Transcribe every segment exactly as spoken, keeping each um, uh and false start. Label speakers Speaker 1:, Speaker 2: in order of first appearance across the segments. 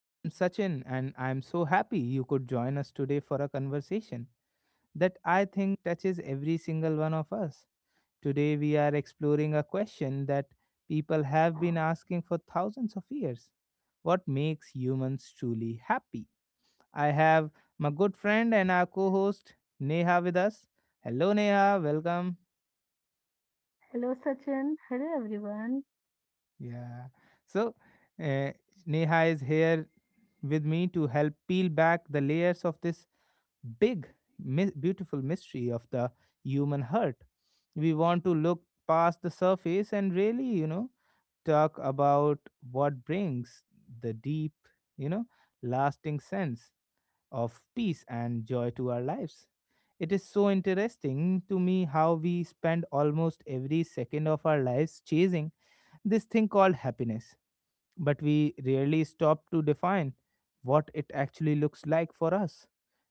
Speaker 1: I am Sachin, and I am so happy you could join us today for a conversation that I think touches every single one of us. Today, we are exploring a question that people have been asking for thousands of years. What makes humans truly happy? I have my good friend and our co host Neha with us. Hello, Neha, welcome.
Speaker 2: Hello, Sachin. Hello, everyone.
Speaker 1: Yeah, so uh, Neha is here with me to help peel back the layers of this big, mi- beautiful mystery of the human heart. We want to look past the surface and really, you know, talk about what brings the deep, you know, lasting sense of peace and joy to our lives. It is so interesting to me how we spend almost every second of our lives chasing this thing called happiness, but we rarely stop to define what it actually looks like for us.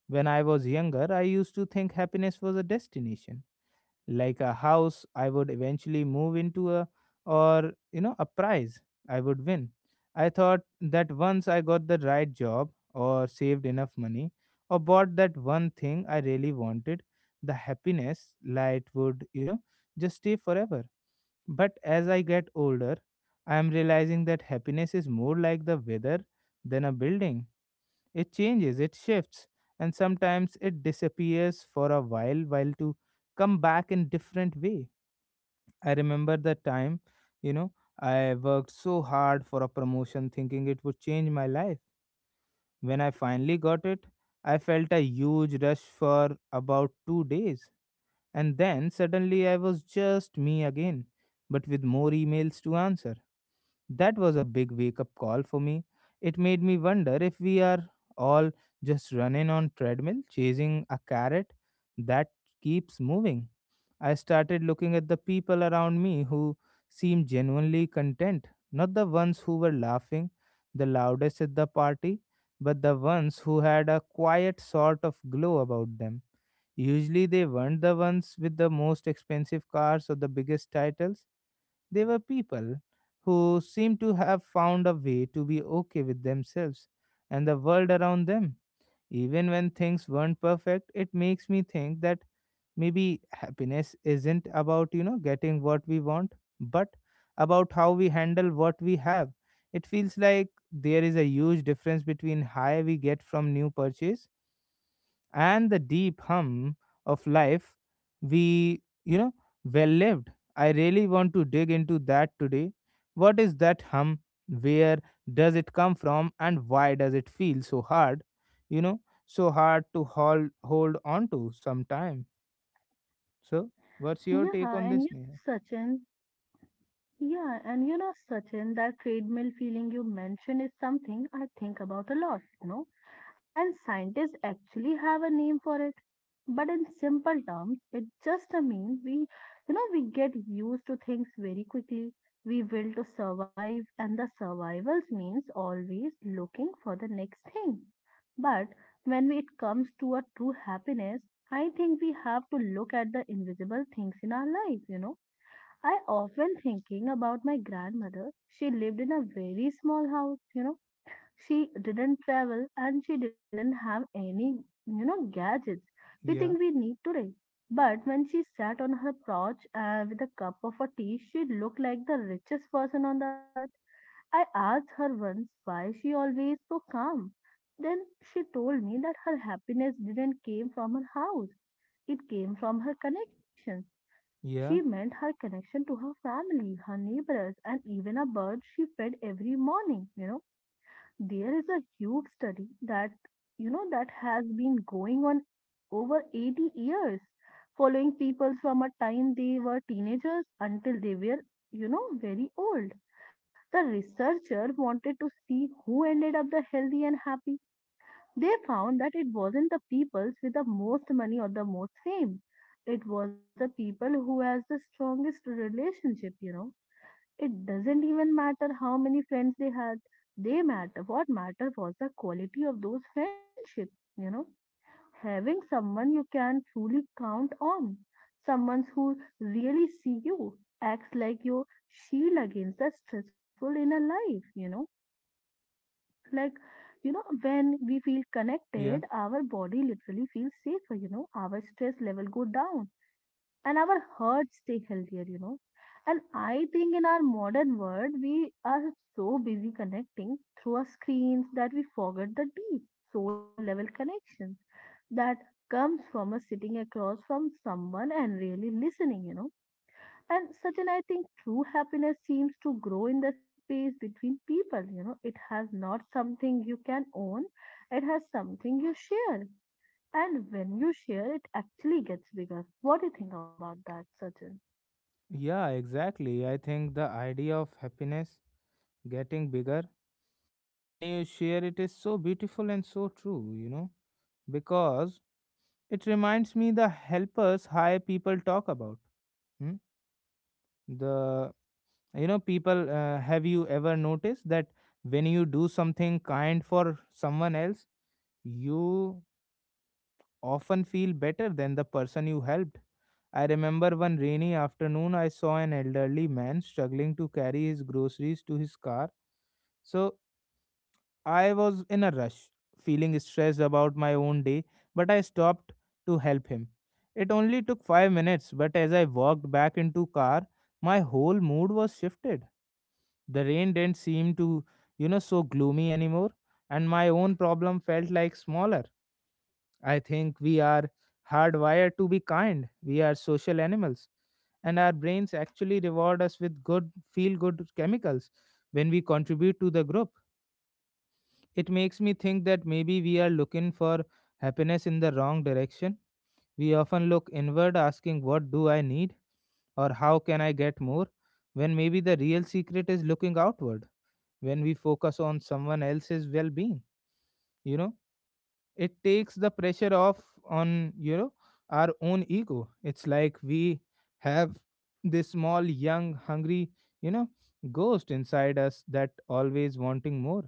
Speaker 1: When I was younger, I used to think happiness was a destination, like a house I would eventually move into a, or you know a prize I would win. I thought that once I got the right job or saved enough money or bought that one thing I really wanted, the happiness light would, you know, just stay forever. But as I get older, I am realizing that happiness is more like the weather than a building. It changes, it shifts, and sometimes it disappears for a while, while to come back in different way. I remember the time, you know, I worked so hard for a promotion thinking it would change my life. When I finally got it, I felt a huge rush for about two days. And then suddenly I was just me again, but with more emails to answer. That was a big wake up call for me. It made me wonder if we are all just running on treadmill chasing a carrot that keeps moving. I started looking at the people around me who seemed genuinely content, not the ones who were laughing the loudest at the party, but the ones who had a quiet sort of glow about them. Usually, they weren't the ones with the most expensive cars or the biggest titles. They were people who seemed to have found a way to be okay with themselves and the world around them. Even when things weren't perfect, it makes me think that maybe happiness isn't about, you know, getting what we want, but about how we handle what we have. It feels like there is a huge difference between high we get from new purchase and the deep hum of life we, you know well lived. I really want to dig into that today. What is that hum? Where does it come from, and why does it feel so hard, you know so hard to hold hold on to sometime? So what's your
Speaker 2: Yeah,
Speaker 1: take on
Speaker 2: and
Speaker 1: this,
Speaker 2: you
Speaker 1: Neha?
Speaker 2: know, Sachin, Yeah, and you know, Sachin, that treadmill feeling you mentioned is something I think about a lot, you know. And scientists actually have a name for it. But in simple terms, it just a mean we, you know, we get used to things very quickly. We will to survive, and the survival means always looking for the next thing. But when it comes to a true happiness, I think we have to look at the invisible things in our life, you know. I often thinking about my grandmother. She lived in a very small house, you know. She didn't travel and she didn't have any, you know, gadgets we think
Speaker 1: yeah
Speaker 2: we need today. But when she sat on her porch uh, with a cup of a tea, she looked like the richest person on the earth. I asked her once why she always so calm. Then she told me that her happiness didn't came from her house. It came from her connections. She
Speaker 1: yeah
Speaker 2: meant her connection to her family, her neighbors, and even a bird she fed every morning. You know, there is a huge study that, you know, that has been going on over eighty years, following people from a time they were teenagers until they were, you know, very old. The researcher wanted to see who ended up the healthy and happy. They found that it wasn't the peoples with the most money or the most fame. It was the people who has the strongest relationship, you know. It doesn't even matter how many friends they had. They matter. What mattered was the quality of those friendships, you know. Having someone you can truly count on. Someone who really see you, acts like your shield against the stressful inner life, you know. Like, you know, when we feel
Speaker 1: yeah
Speaker 2: connected our body literally feels safer, you know, our stress level go down and our hearts stay healthier, you know. And I think in our modern world we are so busy connecting through our screens that we forget the deep soul level connection that comes from us sitting across from someone and really listening, you know. And certain, I think true happiness seems to grow in the space between people. You know, it has not something you can own, it has something you share. And when you share, it actually gets bigger. What do you think about that, Sachin?
Speaker 1: yeah exactly, I think the idea of happiness getting bigger when you share it is so beautiful and so true, you know, because it reminds me the helpers high people talk about. Hmm? The, you know people, uh, have you ever noticed that when you do something kind for someone else, you often feel better than the person you helped. I remember one rainy afternoon I saw an elderly man struggling to carry his groceries to his car. So I was in a rush, feeling stressed about my own day, but I stopped to help him. It only took five minutes, but as I walked back into car, my whole mood was shifted. The rain didn't seem to, you know, so gloomy anymore, and my own problem felt like smaller. I think we are hardwired to be kind. We are social animals, and our brains actually reward us with good feel good chemicals when we contribute to the group. It makes me think that maybe we are looking for happiness in the wrong direction. We often look inward asking, what do I need? Or how can I get more? When maybe the real secret is looking outward, when we focus on someone else's well being. You know, it takes the pressure off on, you know, our own ego. It's like we have this small, young, hungry, you know, ghost inside us that always wanting more,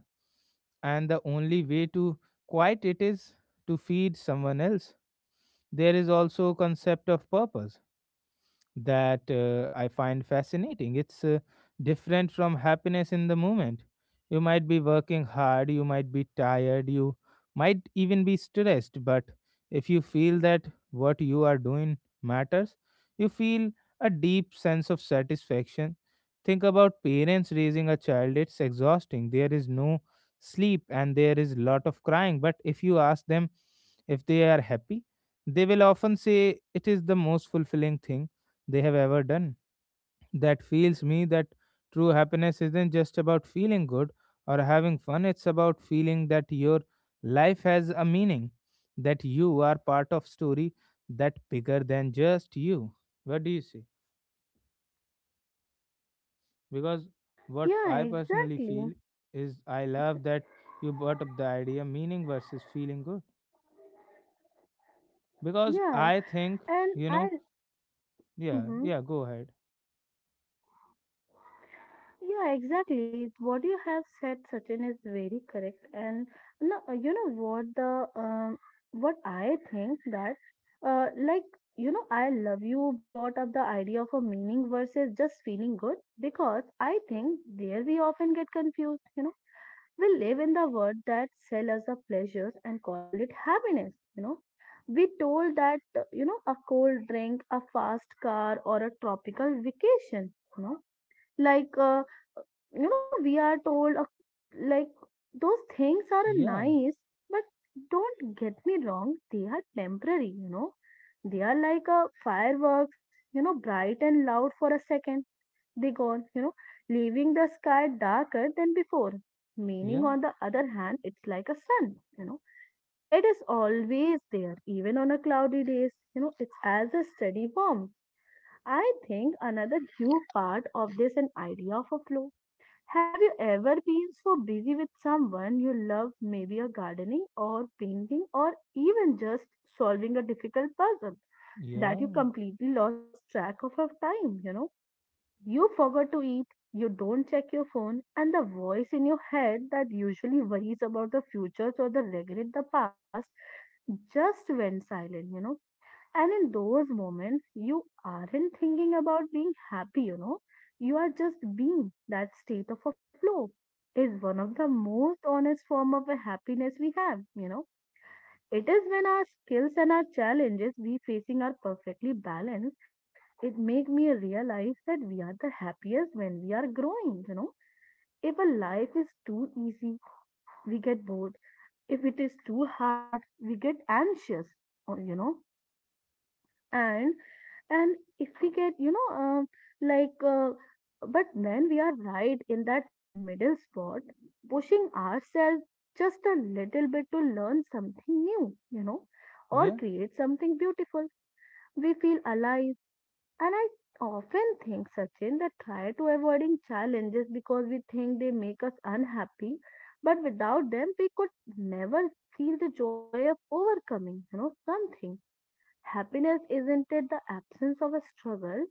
Speaker 1: and the only way to quiet it is to feed someone else. There is also concept of purpose that, uh, I find fascinating. It's, uh, different from happiness in the moment. You might be working hard, you might be tired, you might even be stressed, but if you feel that what you are doing matters, you feel a deep sense of satisfaction. Think about parents raising a child, it's exhausting. There is no sleep and there is lot of crying, but if you ask them if they are happy, they will often say it is the most fulfilling thing they have ever done. That feels me that true happiness isn't just about feeling good or having fun, it's about feeling that your life has a meaning, that you are part of story that bigger than just you. What do you say? Because what
Speaker 2: Yeah,
Speaker 1: I personally
Speaker 2: exactly.
Speaker 1: feel is I love that you brought up the idea meaning versus feeling good. Because
Speaker 2: Yeah,
Speaker 1: I think,
Speaker 2: and
Speaker 1: you know,
Speaker 2: I.
Speaker 1: yeah,
Speaker 2: mhm.
Speaker 1: yeah, go ahead.
Speaker 2: Yeah, exactly. What you have said, Sachin, is very correct. And no, uh, you know what the um, what I think that uh, like, you know, I love you brought up the idea of a meaning versus just feeling good because I think there we often get confused. You know, we live in the world that sell us the pleasures and call it happiness. You know, we told that uh, you know, a cold drink, a fast car, or a tropical vacation. You know, like uh, you know, we are told uh, like those things are uh,
Speaker 1: Yeah,
Speaker 2: nice, but don't get me wrong, they are temporary, you know. They are like a fireworks, you know, bright and loud for a second, they gone, you know, leaving the sky darker than before. Meaning,
Speaker 1: yeah,
Speaker 2: on the other hand, it's like a sun, you know, it is always there even on a cloudy days, you know, it's as a steady warmth. I think another huge part of this an idea of a flow. Have you ever been so busy with someone you love, maybe a gardening or painting or even just solving a difficult puzzle, that
Speaker 1: yeah,
Speaker 2: you completely lost track of your time? You know, you forgot to eat, you don't check your phone, and the voice in your head that usually worries about the future or the regret the past just went silent, you know. And in those moments, you aren't thinking about being happy, you know, you are just being. That state of a flow is one of the most honest form of a happiness we have, you know. It is when our skills and our challenges we facing are perfectly balanced. It make me realize that we are the happiest when we are growing, you know. If a life is too easy, we get bored. If it is too hard, we get anxious, or you know. And and if we get, you know, um, like uh, but when we are right in that middle spot pushing ourselves just a little bit to learn something new, you know, or
Speaker 1: yeah,
Speaker 2: create something beautiful, we feel alive. And I often think, Sachin, that try to avoiding challenges because we think they make us unhappy, but without them we could never feel the joy of overcoming, you know, something. Happiness isn't it the absence of a struggle?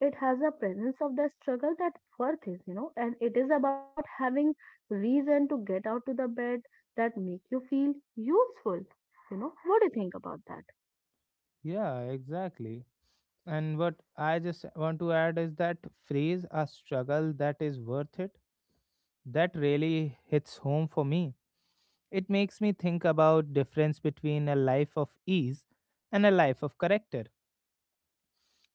Speaker 2: It has a presence of the struggle that worth is, you know, and it is about having reason to get out to the bed that make you feel useful. You know, what do you think about that?
Speaker 1: yeah, exactly. And what I just want to add is that phrase a struggle that is worth it, that really hits home for me. It makes me think about difference between a life of ease and a life of character.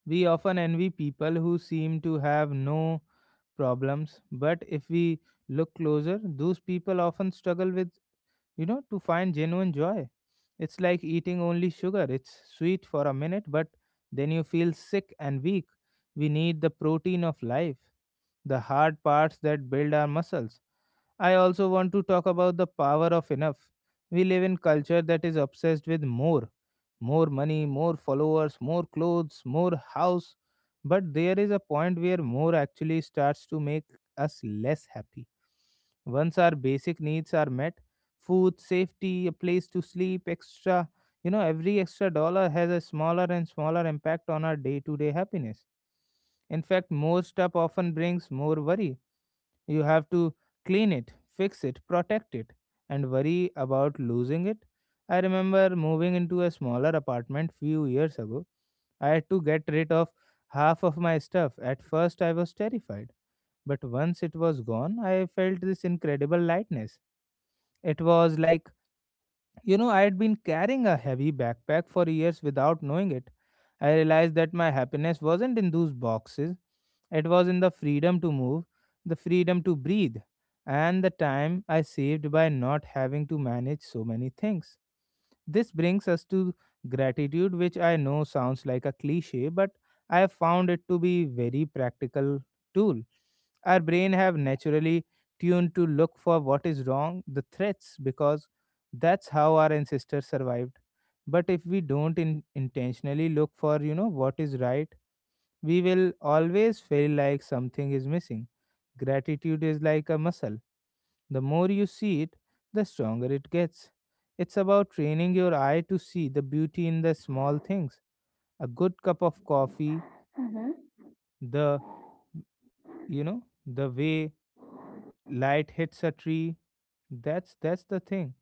Speaker 1: We often envy people who seem to have no problems, but if we look closer, those people often struggle with, you know, to find genuine joy. It's like eating only sugar. It's sweet for a minute, but then you feel sick and weak. We need the protein of life, the hard parts that build our muscles. I also want to talk about the power of enough. We live in culture that is obsessed with more. More money, more followers, more clothes, more house. But there is a point where more actually starts to make us less happy once our basic needs are met, food, safety, a place to sleep, extra, you know, every extra dollar has a smaller and smaller impact on our day to day happiness. In fact, more stuff often brings more worry. You have to clean it, fix it, protect it, and worry about losing it. I remember moving into a smaller apartment few years ago. I had to get rid of half of my stuff. At first, I was terrified. But once it was gone, I felt this incredible lightness. It was like, you know, I had been carrying a heavy backpack for years without knowing it. I realized that my happiness wasn't in those boxes, it was in the freedom to move, the freedom to breathe, and the time I saved by not having to manage so many things. This brings us to gratitude, which I know sounds like a cliche, but I have found it to be very practical tool. Our brain have naturally tuned to look for what is wrong, the threats, because that's how our ancestors survived. But if we don't in- intentionally look for, you know, what is right, we will always feel like something is missing. Gratitude is like a muscle, the more you see it, the stronger it gets. It's about training your eye to see the beauty in the small things. A good cup of coffee,
Speaker 2: Mm-hmm.
Speaker 1: the, you know, the way light hits a tree, that's that's the thing.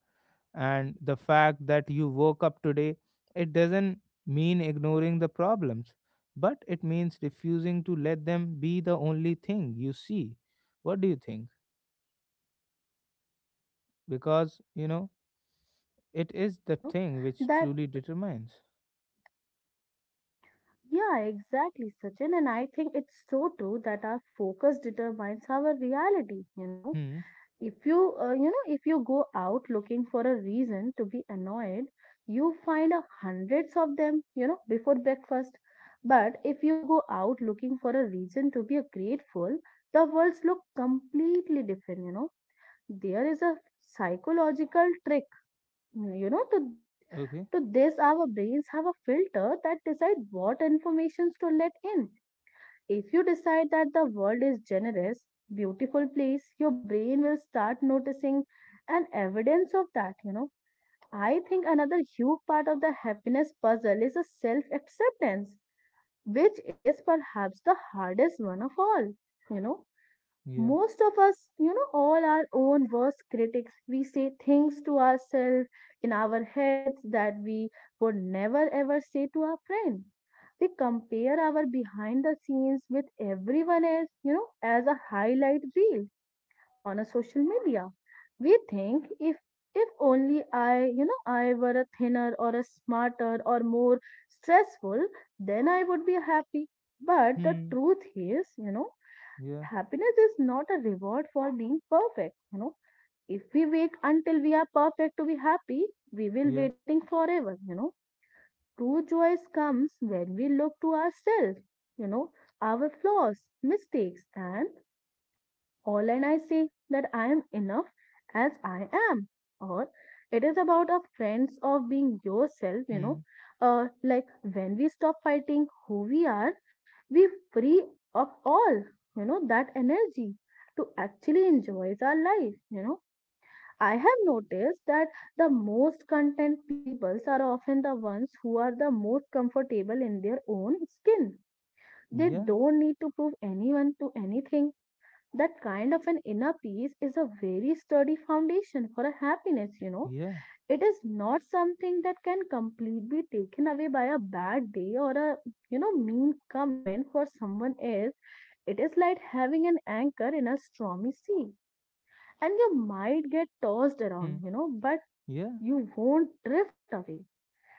Speaker 1: And the fact that you woke up today, it doesn't mean ignoring the problems, but it means refusing to let them be the only thing you see. What do you think? Because, you know, it is
Speaker 2: You
Speaker 1: the
Speaker 2: know
Speaker 1: thing which
Speaker 2: that
Speaker 1: truly determines.
Speaker 2: yeah, exactly, Sachin, and I think it's so true that our focus determines our reality, you know.
Speaker 1: Hmm.
Speaker 2: If you uh, you know, if you go out looking for a reason to be annoyed, you find a hundreds of them, you know, before breakfast. But if you go out looking for a reason to be grateful, the worlds look completely different, you know. There is a psychological trick, you know, to
Speaker 1: Okay.
Speaker 2: to this. Our brains have a filter that decide what informations to let in. If you decide that the world is generous, beautiful place, your brain will start noticing an evidence of that, you know. I think another huge part of the happiness puzzle is a self acceptance, which is perhaps the hardest one of all, you know.
Speaker 1: Yeah.
Speaker 2: Most of us, you know, all our own worst critics, we say things to ourselves in our heads that we would never ever say to our friend. We compare our behind the scenes with everyone else, you know, as a highlight reel on a social media. We think if if only I, you know, I were a thinner or a smarter or more stressful, then I would be happy. But the
Speaker 1: Hmm.
Speaker 2: truth is, you know,
Speaker 1: Yeah.
Speaker 2: happiness is not a reward for being perfect, you know. If we wait until we are perfect to be happy, we
Speaker 1: Yeah.
Speaker 2: will waiting forever, you know. True joy comes when we look to ourselves, you know, our flaws mistakes and all, and I say that I am enough as I am. Or it is about a friends of being yourself, you
Speaker 1: Hmm.
Speaker 2: know. Uh, like when we stop fighting who we are, we free up all, you know, that energy to actually enjoy our life, you know. I have noticed that the most content peoples are often the ones who are the most comfortable in their own skin. They
Speaker 1: Yeah.
Speaker 2: don't need to prove anyone to anything. That kind of an inner peace is a very sturdy foundation for a happiness, you know.
Speaker 1: Yeah.
Speaker 2: It is not something that can completely be taken away by a bad day or a, you know, mean comment for someone else. It is like having an anchor in a stormy sea, and you might get tossed
Speaker 1: Hmm.
Speaker 2: around, you know, but
Speaker 1: Yeah.
Speaker 2: you won't drift away.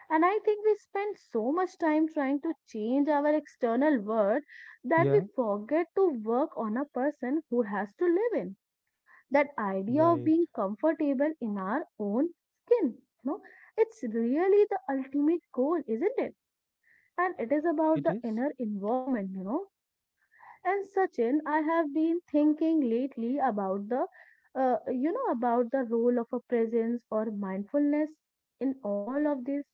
Speaker 2: And I think we spend so much time trying to change our external world that we
Speaker 1: Yeah.
Speaker 2: forget to work on a person who has to live in that idea of
Speaker 1: Right.
Speaker 2: being comfortable in our own skin, you know. It's really the ultimate goal, isn't it? And it is about
Speaker 1: It
Speaker 2: the
Speaker 1: is.
Speaker 2: inner environment, you know. And Sachin, I have been thinking lately about the, uh, you know, about the role of a presence or mindfulness in all of this.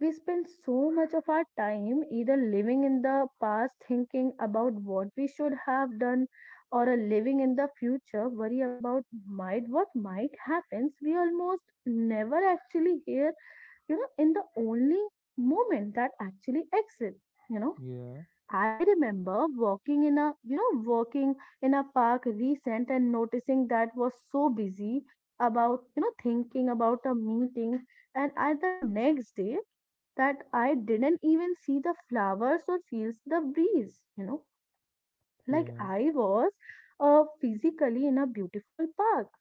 Speaker 2: We spend so much of our time either living in the past, thinking about what we should have done, or a living in the future, worry about might what might happens. We almost never actually here, you know, in the only moment that actually exists. You know,
Speaker 1: Yeah.
Speaker 2: I remember walking in a, you know, walking in a park recent and noticing that was so busy about, you know, thinking about a meeting. And at the next day that I didn't even see the flowers or feels the breeze, you know, like
Speaker 1: Yeah.
Speaker 2: I was uh, physically in a beautiful park,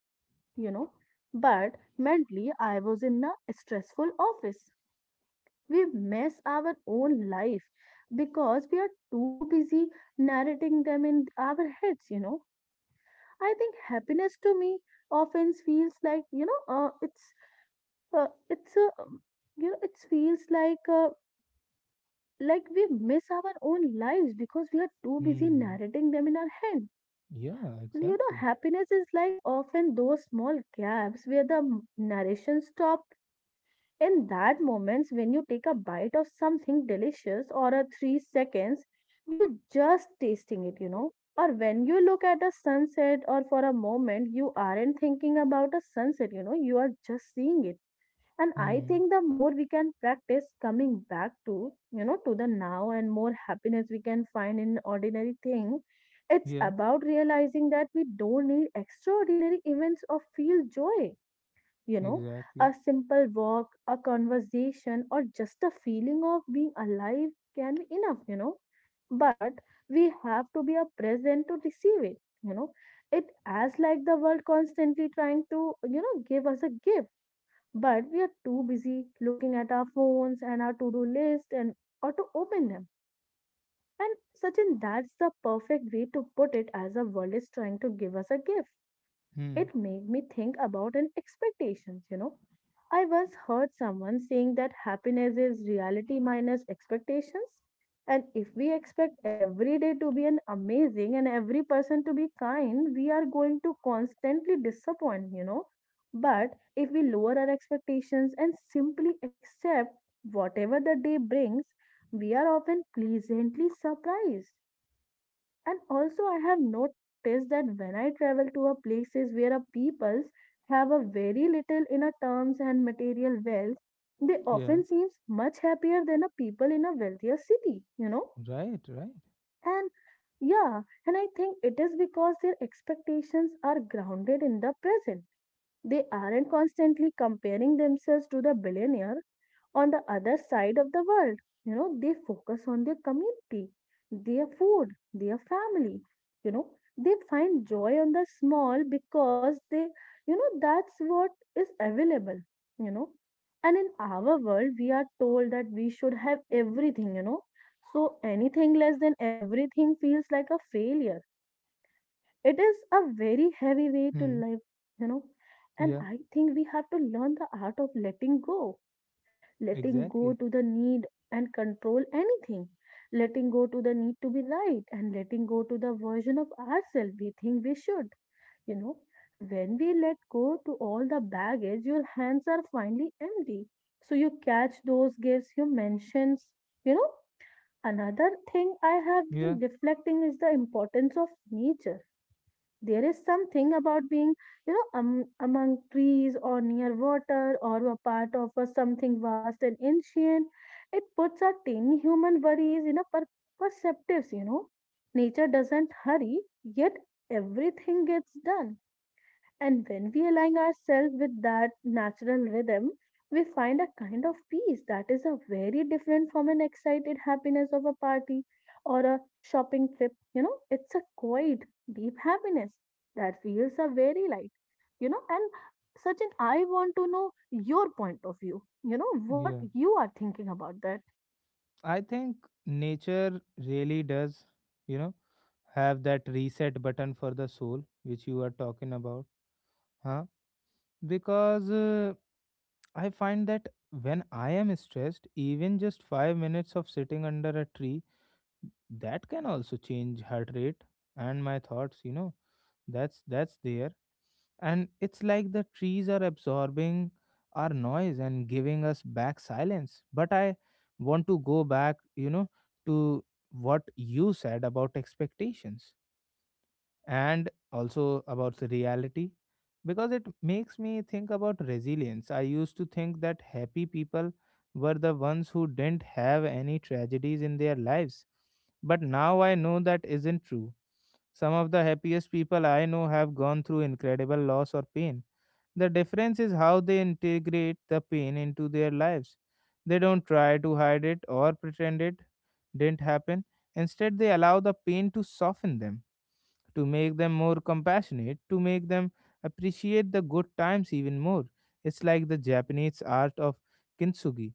Speaker 2: you know, but mentally I was in a stressful office. We mess our own life because we are too busy narrating them in our heads you know I think happiness to me often feels like you know uh, it's uh, it's a um, you know it feels like uh, like we miss our own lives because we are too busy
Speaker 1: Hmm.
Speaker 2: narrating them in our head
Speaker 1: Yeah.
Speaker 2: you know
Speaker 1: Exactly.
Speaker 2: Happiness is like often those small gaps where the m- narration stop. In that moments when you take a bite of something delicious or a three seconds you just tasting it, you know. Or when you look at a sunset or for a moment you aren't thinking about a sunset, you know, you are just seeing it. And I
Speaker 1: Hmm.
Speaker 2: think the more we can practice coming back to, you know, to the now and more happiness we can find in ordinary thing. It's
Speaker 1: Yeah.
Speaker 2: about realizing that we don't need extraordinary events or feel joy you know
Speaker 1: Exactly.
Speaker 2: a simple walk, a conversation, or just a feeling of being alive can be enough you know But we have to be a present to receive it you know it as like the world constantly trying to you know give us a gift, but we are too busy looking at our phones and our to-do list and or to open them. And Sachin, that's the perfect way to put it as a world is trying to give us a gift.
Speaker 1: Hmm.
Speaker 2: It made me think about an expectations, you know. I once heard someone saying that happiness is reality minus expectations. And if we expect every day to be an amazing and every person to be kind, we are going to constantly disappoint, you know. But if we lower our expectations and simply accept whatever the day brings, we are often pleasantly surprised. And also, I have noticed that when I travel to a places where a peoples have a very little inner terms and material wealth, they
Speaker 1: Yeah.
Speaker 2: often seems much happier than a people in a wealthier city, you know.
Speaker 1: Right. Right.
Speaker 2: And yeah, and I think it is because their expectations are grounded in the present. They aren't constantly comparing themselves to the billionaire on the other side of the world. You know, they focus on their community, their food, their family. You know, they find joy on the small because they, you know, that's what is available. You know, and in our world, we are told that we should have everything, you know. So anything less than everything feels like a failure. It is a very heavy way to
Speaker 1: Hmm.
Speaker 2: live, you know. And
Speaker 1: Yeah.
Speaker 2: I think we have to learn the art of letting go, letting go
Speaker 1: Exactly.
Speaker 2: to the need and control anything, letting go to the need to be right, and letting go to the version of ourselves we think we should you know when we let go to all the baggage, your hands are finally empty, so you catch those gifts you mentions you know Another thing I have been
Speaker 1: Yeah.
Speaker 2: reflecting is the importance of nature. There is something about being, you know, um, among trees or near water or a part of a something vast and ancient. It puts our tiny human worries in a per- perspectives, you know. Nature doesn't hurry, yet everything gets done, and when we align ourselves with that natural rhythm, we find a kind of peace that is a very different from an excited happiness of a party or a shopping trip. You know, it's a quiet, deep happiness that feels a very light. You know, and Sachin, I want to know your point of view. You know, what
Speaker 1: Yeah.
Speaker 2: you are thinking about that.
Speaker 1: I think nature really does, you know, have that reset button for the soul, which you are talking about, huh? Because, uh, I find that when I am stressed, even just five minutes of sitting under a tree, that can also change heart rate and my thoughts, you know. That's that's there. And it's like the trees are absorbing our noise and giving us back silence. But I want to go back, you know, to what you said about expectations and also about the reality because it makes me think about resilience. I used to think that happy people were the ones who didn't have any tragedies in their lives, but now I know that isn't true. Some of the happiest people I know have gone through incredible loss or pain. The difference is how they integrate the pain into their lives. They don't try to hide it or pretend it didn't happen. Instead, they allow the pain to soften them, to make them more compassionate, to make them appreciate the good times even more. It's like the Japanese art of kintsugi,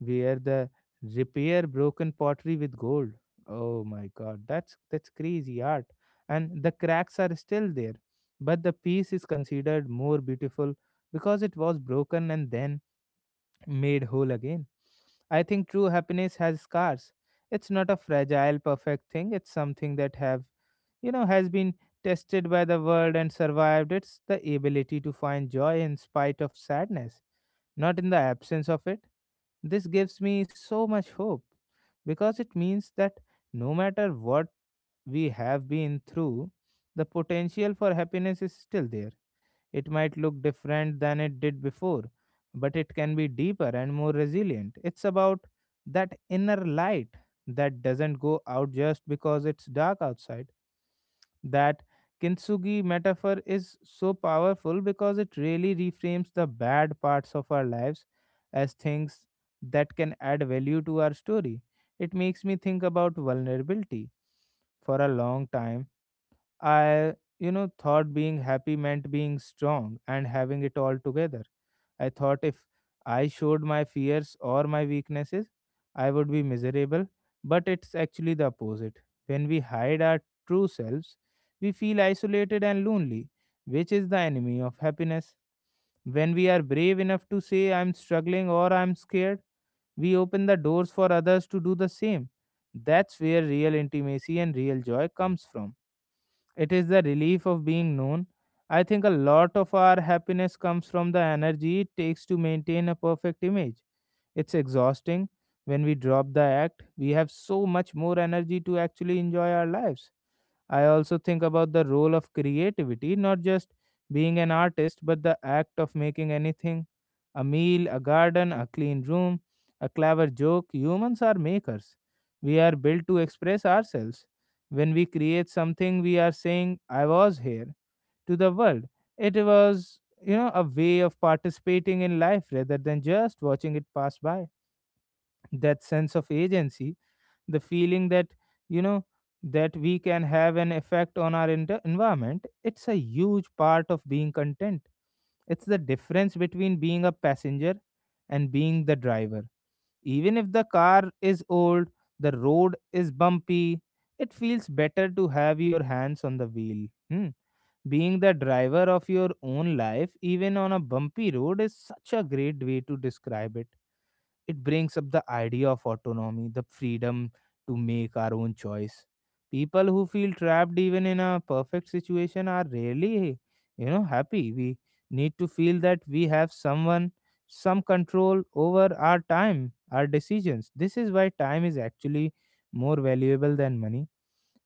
Speaker 1: where the repair broken pottery with gold. Oh my god, that's that's crazy art. And the cracks are still there, but the piece is considered more beautiful because it was broken and then made whole again. I think true happiness has scars. It's not a fragile, perfect thing. It's something that have you know has been tested by the world and survived. It's the ability to find joy in spite of sadness, not in the absence of it. This gives me so much hope, because it means that no matter what we have been through, the potential for happiness is still there. It might look different than it did before, but it can be deeper and more resilient. It's about that inner light that doesn't go out just because it's dark outside. That kintsugi metaphor is so powerful because it really reframes the bad parts of our lives as things that can add value to our story. It makes me think about vulnerability. For a long time, I, you know, thought being happy meant being strong and having it all together. I thought if I showed my fears or my weaknesses, I would be miserable. But it's actually the opposite. When we hide our true selves, we feel isolated and lonely, which is the enemy of happiness. When we are brave enough to say, I'm struggling or I'm scared, we open the doors for others to do the same. That's where real intimacy and real joy comes from. It is the relief of being known. I think a lot of our happiness comes from the energy it takes to maintain a perfect image. It's exhausting. When we drop the act, we have so much more energy to actually enjoy our lives. I also think about the role of creativity, not just being an artist, but the act of making anything: a meal, a garden, a clean room, a clever joke. Humans are makers. We are built to express ourselves. When we create something, we are saying, I was here, to the world. It was, you know, a way of participating in life rather than just watching it pass by. That sense of agency, the feeling that, you know that we can have an effect on our ent- environment, it's a huge part of being content. It's the difference between being a passenger and being the driver. Even if the car is old, the road is bumpy, it feels better to have your hands on the wheel. Hmm. Being the driver of your own life, even on a bumpy road, is such a great way to describe it. It brings up the idea of autonomy, the freedom to make our own choice. People who feel trapped even in a perfect situation are rarely, you know, happy. We need to feel that we have someone, some control over our time, our decisions. This is why time is actually more valuable than money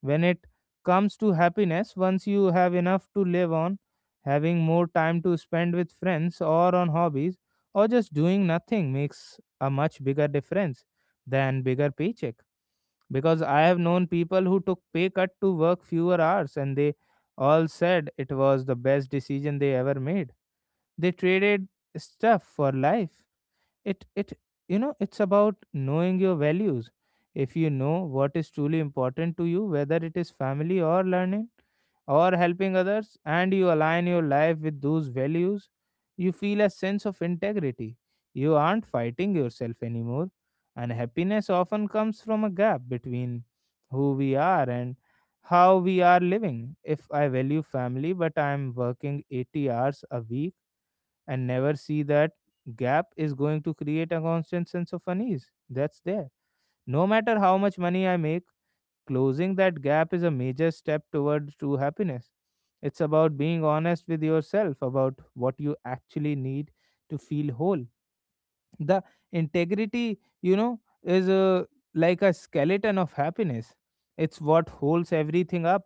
Speaker 1: when it comes to happiness. Once you have enough to live on, having more time to spend with friends or on hobbies, or just doing nothing makes a much bigger difference than bigger paycheck. Because I have known people who took pay cut to work fewer hours, and they all said it was the best decision they ever made. They traded stuff for life. It it you know it's about knowing your values. If you know what is truly important to you, whether it is family or learning or helping others, and you align your life with those values, you feel a sense of integrity. You aren't fighting yourself anymore. And happiness often comes from a gap between who we are and how we are living. If I value family but I am working eighty hours a week and never see that, gap is going to create a constant sense of unease that's there. No matter how much money I make, closing that gap is a major step toward true happiness. It's about being honest with yourself about what you actually need to feel whole. The integrity, you know is uh, like a skeleton of happiness. It's what holds everything up.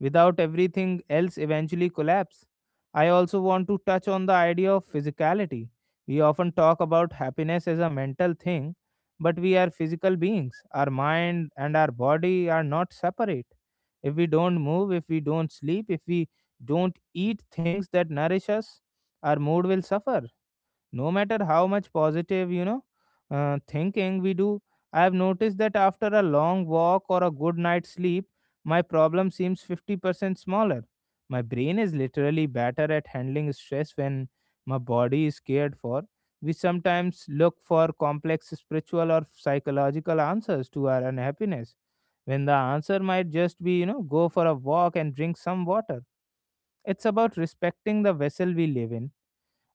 Speaker 1: Without, everything else eventually collapse. I also want to touch on the idea of physicality. We often talk about happiness as a mental thing, but we are physical beings. Our mind and our body are not separate. If we don't move, if we don't sleep, if we don't eat things that nourish us, our mood will suffer, no matter how much positive, you know uh, thinking we do. I have noticed that after a long walk or a good night's sleep, my problem seems fifty percent smaller. My brain is literally better at handling stress when my body is cared for. We sometimes look for complex spiritual or psychological answers to our unhappiness, when the answer might just be, you know go for a walk and drink some water. It's about respecting the vessel we live in.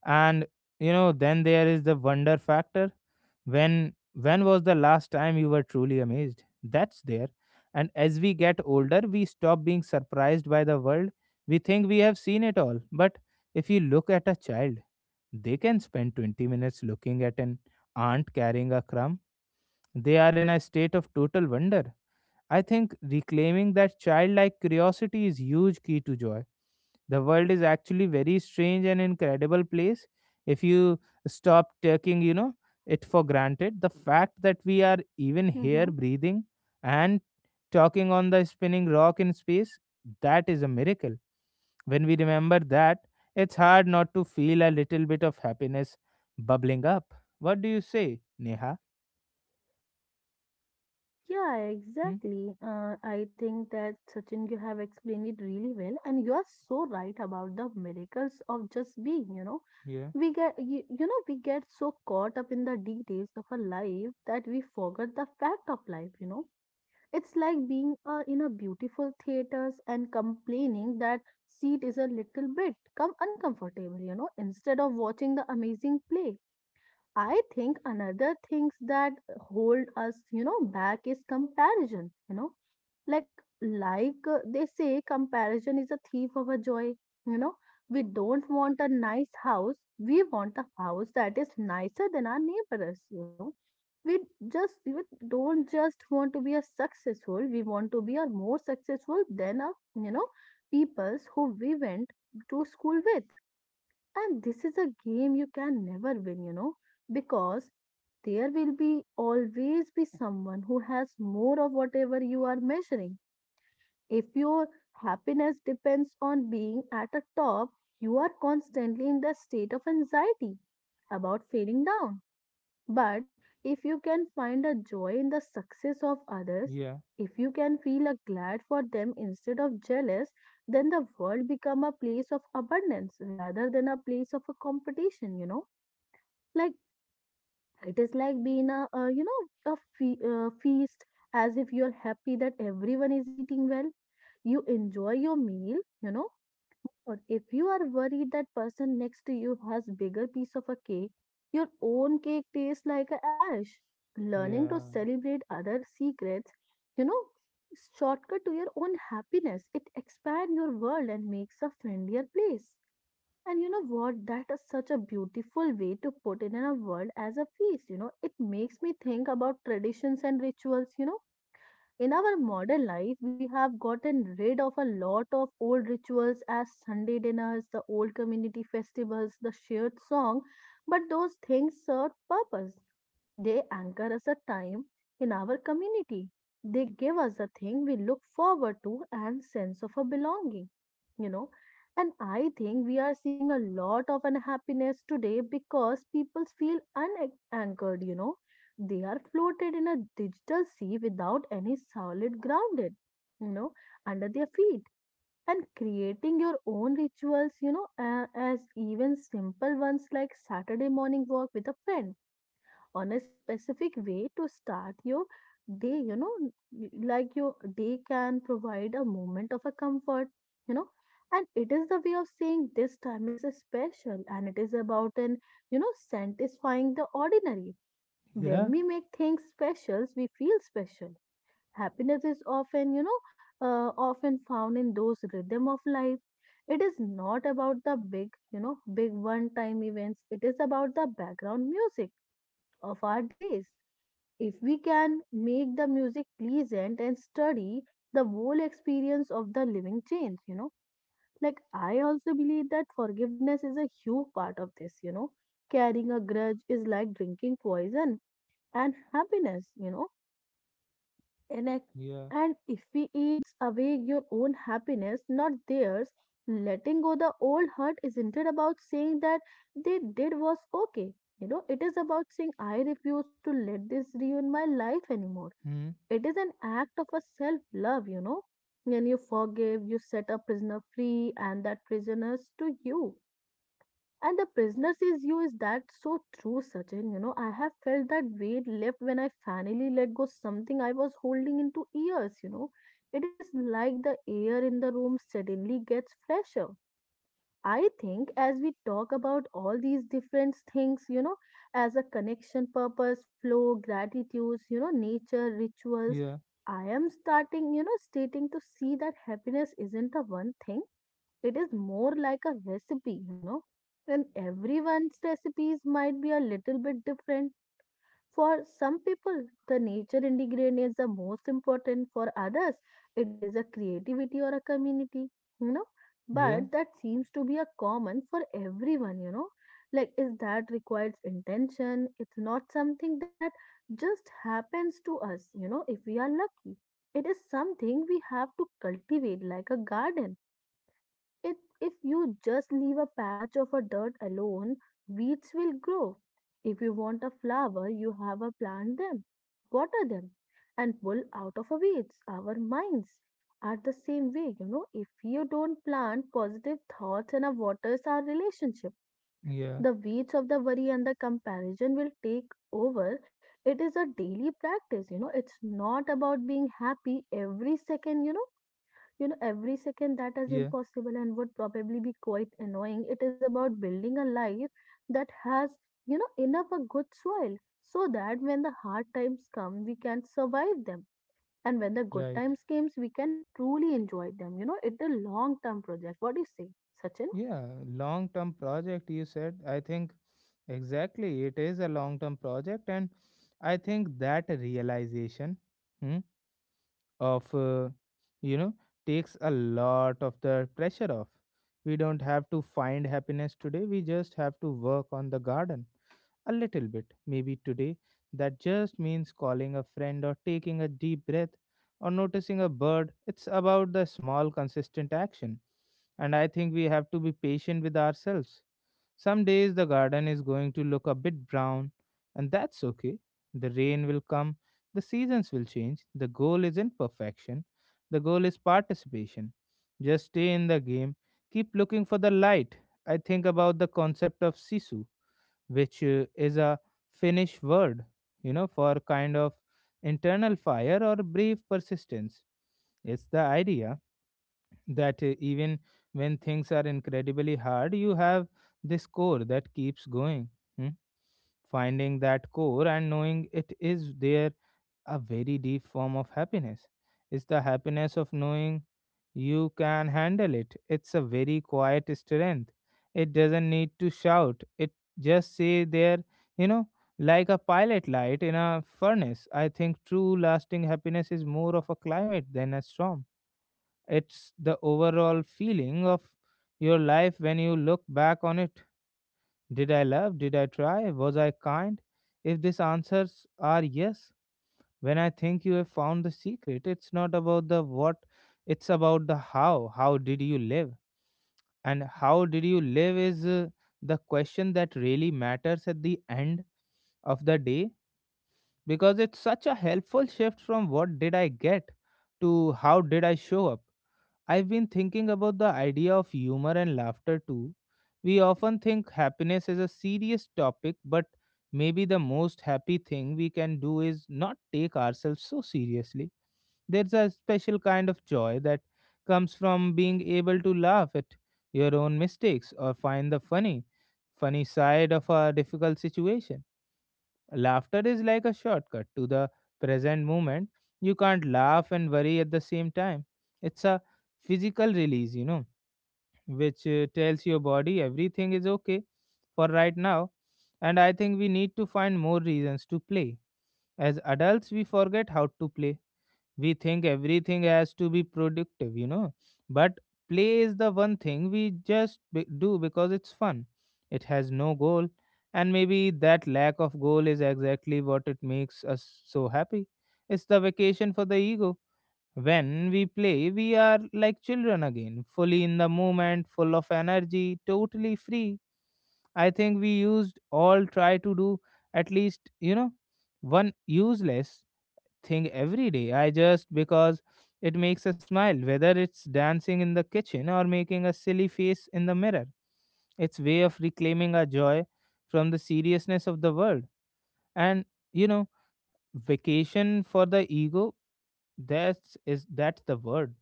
Speaker 1: And you know then there is the wonder factor. When when was the last time you were truly amazed? That's there. And as we get older, we stop being surprised by the world. We think we have seen it all, but if you look at a child, they can spend twenty minutes looking at an aunt carrying a crumb. They are in a state of total wonder. I think reclaiming that childlike curiosity is huge key to joy. The world is actually very strange and incredible place, if you stop taking, you know, it for granted. The fact that we are even here
Speaker 2: Mm-hmm.
Speaker 1: breathing and talking on the spinning rock in space, that is a miracle. When we remember that, it's hard not to feel a little bit of happiness bubbling up. What do you say, Neha?
Speaker 2: Yeah,
Speaker 1: Hmm?
Speaker 2: exactly. Uh, I think that Sachin, you have explained it really well, and you are so right about the miracles of just being, you know.
Speaker 1: Yeah,
Speaker 2: We get, you, you know, we get so caught up in the details of a life that we forget the fact of life, you know. It's like being uh, in a beautiful theaters and complaining that seat is a little bit come uncomfortable, you know, instead of watching the amazing play. I think another things that hold us, you know, back is comparison, you know, like like uh, they say comparison is a thief of a joy, you know. We don't want a nice house, we want a house that is nicer than our neighbors, you know. We just we don't just want to be a successful, we want to be a more successful than a, you know, peoples who we went to school with. And this is a game you can never win, you know because there will be always be someone who has more of whatever you are measuring. If your happiness depends on being at the top, you are constantly in the state of anxiety about feeling down. But if you can find a joy in the success of others,
Speaker 1: yeah,
Speaker 2: if you can feel a glad for them instead of jealous, then the world become a place of abundance rather than a place of a competition, you know. Like it is like being a, uh, you know, a fe- uh, feast, as if you're happy that everyone is eating well. You enjoy your meal, you know. But if you are worried that person next to you has bigger piece of a cake, your own cake tastes like a ash. Learning to
Speaker 1: yeah,
Speaker 2: celebrate other secrets, you know, shortcut to your own happiness. It expands your world and makes a friendlier place. And you know what? That is such a beautiful way to put it in a word as a feast. You know, it makes me think about traditions and rituals. You know, in our modern life, we have gotten rid of a lot of old rituals as Sunday dinners, the old community festivals, the shared song. But those things serve purpose. They anchor us a time in our community. They give us a thing we look forward to and sense of a belonging you know and I think we are seeing a lot of unhappiness today because people feel unanchored you know They are floated in a digital sea without any solid grounded you know under their feet. And creating your own rituals, you know a- as even simple ones like Saturday morning walk with a friend on a specific way to start your day you know y- like your day can provide a moment of a comfort you know and it is the way of saying this time is special, and it is about an you know satisfying the ordinary.
Speaker 1: yeah.
Speaker 2: When we make things special, we feel special. Happiness is often you know uh, often found in those rhythm of life. It is not about the big you know big one time events. It is about the background music of our days. If we can make the music pleasant and sturdy, the whole experience of the living change, you know. Like, I also believe that forgiveness is a huge part of this, you know. Carrying a grudge is like drinking poison and happiness, you know. And I,
Speaker 1: Yeah.
Speaker 2: and if we eats away your own happiness, not theirs, letting go the old hurt isn't it about saying that they did was okay. You know, it is about saying I refuse to let this ruin my life anymore.
Speaker 1: Hmm.
Speaker 2: It is an act of a self love, you know. When you forgive, you set a prisoner free, and that prisoner is to you. And the prisoner is you, is that so true, Sachin. You know, I have felt that weight lift when I finally let go something I was holding into years, you know. It is like the air in the room suddenly gets fresher. I think as we talk about all these different things, you know, as a connection, purpose, flow, gratitudes, you know, nature, rituals,
Speaker 1: Yeah.
Speaker 2: I am starting, you know, stating to see that happiness isn't a one thing. It is more like a recipe, you know, and everyone's recipes might be a little bit different. For some people, the nature ingredient is the most important. For others, it is a creativity or a community, you know.
Speaker 1: Yeah.
Speaker 2: But that seems to be a common for everyone, you know. Like, is that requires intention? It's not something that just happens to us, you know, if we are lucky. It is something we have to cultivate like a garden it, If you just leave a patch of a dirt alone, weeds will grow. If you want a flower, you have a plant them, water them, and pull out of a weeds. Our minds are the same way, you know. If you don't plant positive thoughts and a waters our relationship,
Speaker 1: Yeah.
Speaker 2: the weeds of the worry and the comparison will take over. It is a daily practice, you know. It's not about being happy every second, you know you know every second That is
Speaker 1: Yeah.
Speaker 2: impossible and would probably be quite annoying. It is about building a life that has you know enough a good soil, so that when the hard times come, we can survive them, and when the good
Speaker 1: Right.
Speaker 2: times comes, we can truly enjoy them you know It's a long term project. What do you say, Sachin?
Speaker 1: Yeah. Long term project, you said. I think exactly it is a long term project. And I think that realization, hmm, of, uh, you know, takes a lot of the pressure off. We don't have to find happiness today. We just have to work on the garden. A little bit, maybe today. That just means calling a friend or taking a deep breath or noticing a bird. It's about the small, consistent action. And I think we have to be patient with ourselves. Some days the garden is going to look a bit brown, and that's okay. The rain will come, the seasons will change. The goal isn't perfection, the goal is participation. Just stay in the game, keep looking for the light. I think about the concept of Sisu, which uh, is a Finnish word, you know, for kind of internal fire or brief persistence. It's the idea that uh, even when things are incredibly hard, you have this core that keeps going. Hmm? Finding that core and knowing it is there, a very deep form of happiness. It's the happiness of knowing you can handle it. It's a very quiet strength. It doesn't need to shout. It just say there, you know, like a pilot light in a furnace. I think true lasting happiness is more of a climate than a storm. It's the overall feeling of your life when you look back on it. Did I love? Did I try? Was I kind? If these answers are yes, when I think you have found the secret. It's not about the what, it's about the how. How did you live? And how did you live is, uh, the question that really matters at the end of the day, because it's such a helpful shift from what did I get to how did I show up. I've been thinking about the idea of humor and laughter too. We often think happiness is a serious topic, but maybe the most happy thing we can do is not take ourselves so seriously. There's a special kind of joy that comes from being able to laugh at your own mistakes or find the funny, funny side of a difficult situation. Laughter is like a shortcut to the present moment. You can't laugh and worry at the same time. It's a physical release, you know, which uh, tells your body everything is okay for right now. And I think we need to find more reasons to play. As adults, we forget how to play. We think everything has to be productive you know but play is the one thing we just be- do because it's fun. It has no goal, and maybe that lack of goal is exactly what it makes us so happy. It's the vacation for the ego. When we play we are like children again, fully in the moment, full of energy, totally free. I think we used all try to do, at least you know one useless thing every day. I just because it makes a smile, whether it's dancing in the kitchen or making a silly face in the mirror. It's way of reclaiming our joy from the seriousness of the world. And you know, Vacation for the ego, that's is that's the word.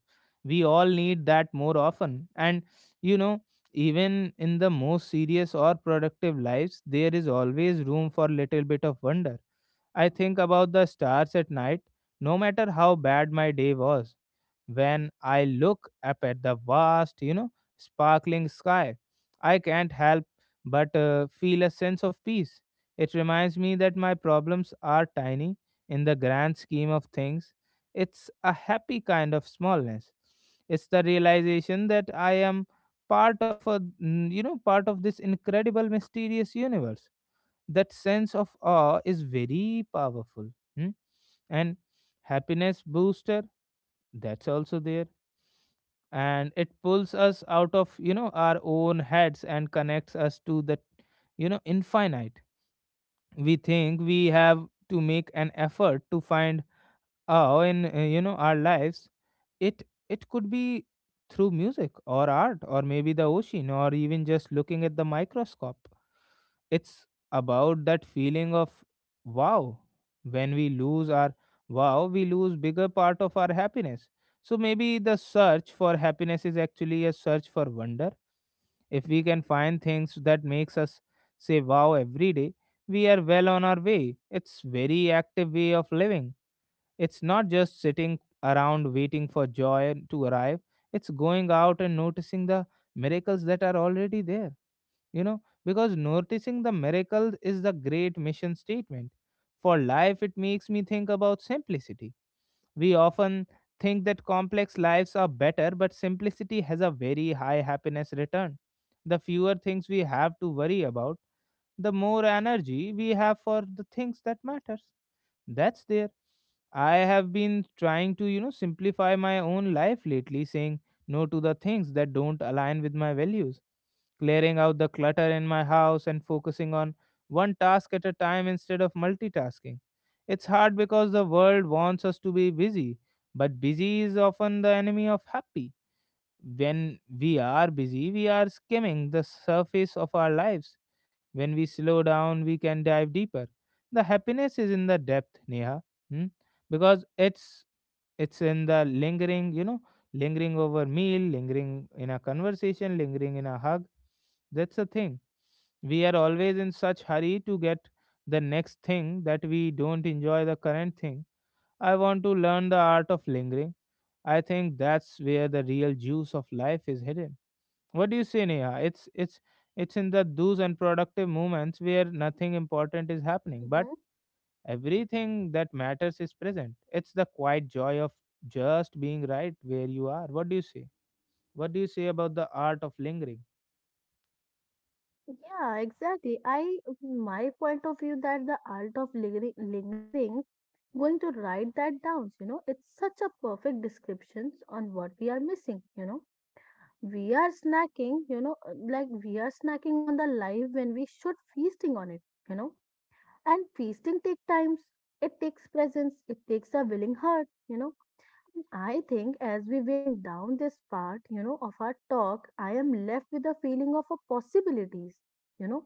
Speaker 1: We all need that more often. And you know, Even in the most serious or productive lives, there is always room for little bit of wonder. I think about the stars at night, no matter how bad my day was. When I look up at the vast, you know, sparkling sky, I can't help but uh, feel a sense of peace. It reminds me that my problems are tiny in the grand scheme of things. It's a happy kind of smallness. It's the realization that I am part of a, mm, you know, part of this incredible, mysterious universe. That sense of awe is very powerful. Hmm? And happiness booster, that's also there, and it pulls us out of you know our own heads and connects us to the you know infinite. We think we have to make an effort to find awe in uh, you know our lives. It it could be through music or art or maybe the ocean or even just looking at the microscope. It's about that feeling of wow. When we lose our wow, we lose bigger part of our happiness. So maybe the search for happiness is actually a search for wonder. If we can find things that makes us say wow every day, we are well on our way. It's very active way of living. It's not just sitting around waiting for joy to arrive. It's going out and noticing the miracles that are already there. You know because noticing the miracles is the great mission statement for life. It makes me think about simplicity. We often think that complex lives are better, but simplicity has a very high happiness return. The fewer things we have to worry about, the more energy we have for the things that matters. That's there. I have been trying to, you know, simplify my own life lately, saying no to the things that don't align with my values, clearing out the clutter in my house and focusing on one task at a time instead of multitasking. It's hard because the world wants us to be busy, but busy is often the enemy of happy. When we are busy, we are skimming the surface of our lives. When we slow down, we can dive deeper. The happiness is in the depth, Neha. Hmm? because it's it's in the lingering, you know, lingering over meal, lingering in a conversation, lingering in a hug. That's the thing. We are always in such hurry to get the next thing that we don't enjoy the current thing. I want to learn the art of lingering. I think that's where the real juice of life is hidden. What do you say, Neha? It's it's it's in the those unproductive moments where nothing important is happening, but
Speaker 2: Mm-hmm.
Speaker 1: everything that matters is present. It's the quiet joy of just being right where you are. What do you say? What do you say about the art of lingering?
Speaker 2: Yeah, exactly. I, my point of view that the art of lingering, lingering, going to write that down, you know, it's such a perfect description on what we are missing, you know. We are snacking, you know, uh, like we are snacking on the life when we should feasting on it, you know. And feasting takes times, it takes presence, it takes a willing heart, you know. And I think as we went down this part, you know, of our talk, I am left with a feeling of a possibilities, you know.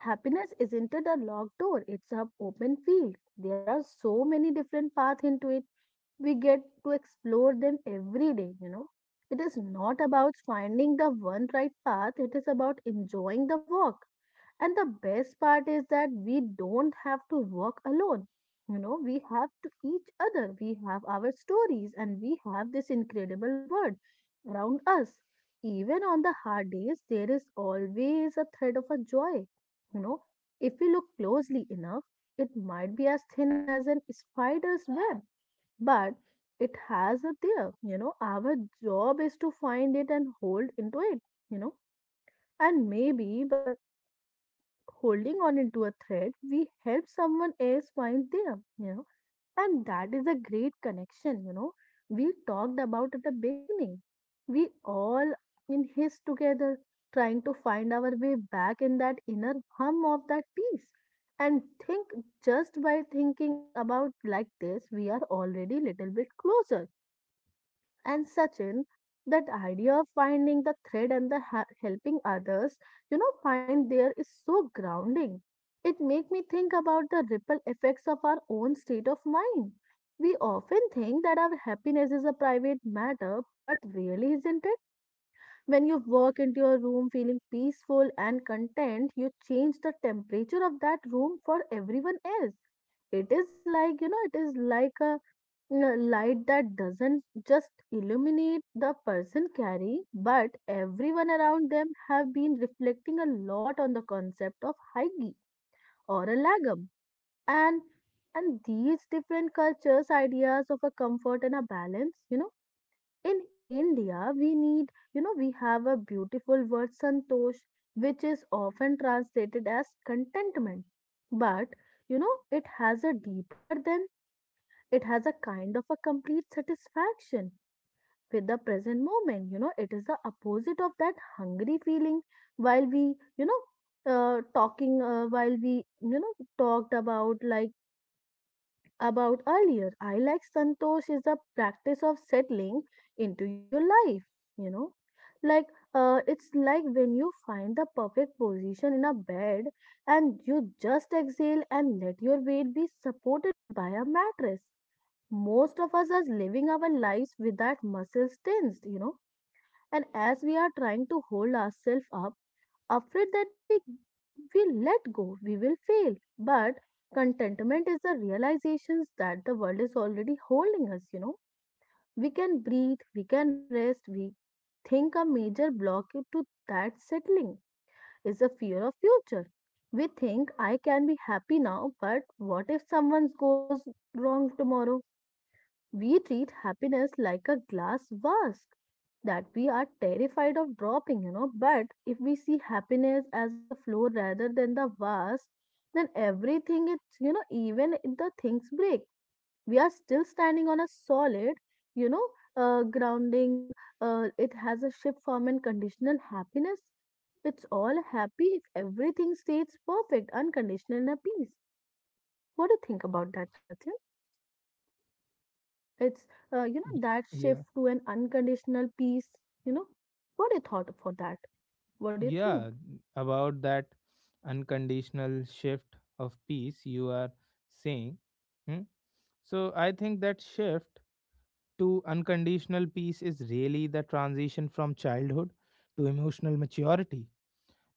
Speaker 2: Happiness isn't it a locked door, it's a open field. There are so many different paths into it. We get to explore them every day you know It is not about finding the one right path, it is about enjoying the walk. And the best part is that we don't have to walk alone you know We have to each other, we have our stories, and we have this incredible world around us. Even on the hard days there is always a thread of a joy you know If we look closely enough, it might be as thin as an spider's web, but it has it there you know Our job is to find it and hold into it you know and maybe by holding on into a thread, we help someone else find them you know And that is a great connection you know We talked about at the beginning, we all in his together, trying to find our way back in that inner hum of that peace. And think, just by thinking about like this, we are already little bit closer. And Sachin, that idea of finding the thread and the ha- helping others, you know, find there is so grounding. It make me think about the ripple effects of our own state of mind. We often think that our happiness is a private matter, but really isn't it? When you walk into your room feeling peaceful and content, you change the temperature of that room for everyone else. It is like, you know, it is like a l- light that doesn't just illuminate the person carrying, but everyone around them have been reflecting a lot on the concept of hygie or a lagam. And and these different cultures, ideas of a comfort and a balance, you know, in India we need, you know, we have a beautiful word santosh, which is often translated as contentment. But you know, it has a deeper than it has a kind of a complete satisfaction with the present moment you know It is the opposite of that hungry feeling while we you know uh, talking uh, while we you know talked about like about earlier I like santosh is the practice of settling into your life you know like, uh, it's like when you find the perfect position in a bed, and you just exhale and let your weight be supported by a mattress. Most of us are living our lives with that muscles tensed, you know. And as we are trying to hold ourselves up, afraid that we we let go, we will fail. But contentment is the realizations that the world is already holding us, you know. We can breathe, we can rest, we think a major block to that settling is a fear of future. We think I can be happy now, but what if someone goes wrong tomorrow? We treat happiness like a glass vase that we are terrified of dropping, you know. But if we see happiness as a flow rather than the vase, then everything it's you know, even if the things break, we are still standing on a solid, you know, uh, grounding. Uh, it has a shift form and conditional happiness. It's all happy if everything stays perfect, unconditional, and a peace. What do you think about that, Sachin? It's, uh, you
Speaker 1: Y-
Speaker 2: know, that shift
Speaker 1: Yeah.
Speaker 2: to an unconditional peace, you know. What do you thought for that? What do you
Speaker 1: Yeah,
Speaker 2: think?
Speaker 1: about that unconditional shift of peace you are saying. Hmm? So I think that shift to unconditional peace is really the transition from childhood to emotional maturity.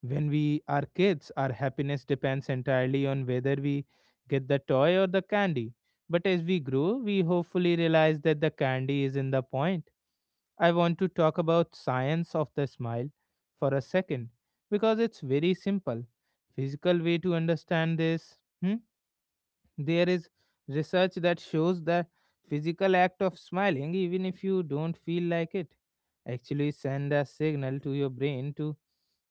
Speaker 1: When we are kids, our happiness depends entirely on whether we get the toy or the candy. But as we grow, we hopefully realize that the candy is in the point. I want to talk about science of the smile for a second because it's very simple physical way to understand this. Hmm? There is research that shows the physical act of smiling, even if you don't feel like it, actually send a signal to your brain to,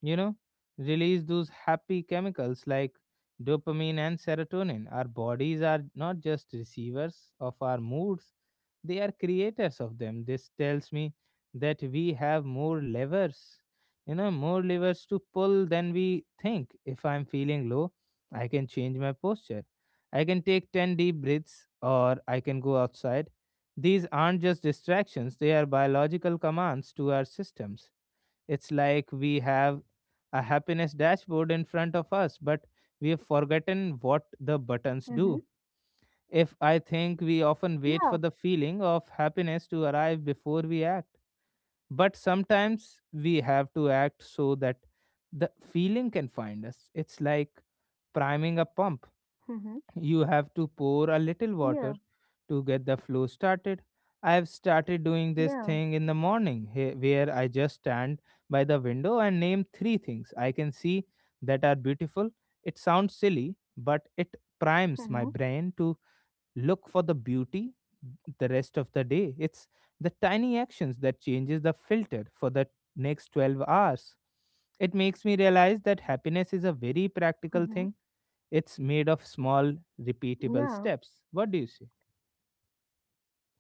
Speaker 1: you know, release those happy chemicals like dopamine and serotonin. Our bodies are not just receivers of our moods, they are creators of them. This tells me that we have more levers, you know, more levers to pull than we think. If I'm feeling low, I can change my posture. I can take ten deep breaths or I can go outside. These aren't just distractions, they are biological commands to our systems. It's like we have a happiness dashboard in front of us, but we have forgotten what the buttons do.
Speaker 2: Mm-hmm.
Speaker 1: If I think we often wait for
Speaker 2: Yeah.
Speaker 1: the feeling of happiness to arrive before we act, but sometimes we have to act so that the feeling can find us. It's like priming a pump.
Speaker 2: Mm-hmm.
Speaker 1: You have to pour a little water
Speaker 2: Yeah.
Speaker 1: to get the flow started. I have started doing this
Speaker 2: Yeah.
Speaker 1: thing in the morning he- where I just stand by the window and name three things I can see that are beautiful. It sounds silly, but it primes my
Speaker 2: Mm-hmm.
Speaker 1: brain to look for the beauty the rest of the day. It's the tiny actions that changes the filter for the next twelve hours. It makes me realize that happiness is a very practical
Speaker 2: Mm-hmm.
Speaker 1: thing. It's made of small, repeatable
Speaker 2: Yeah.
Speaker 1: steps. What do you say?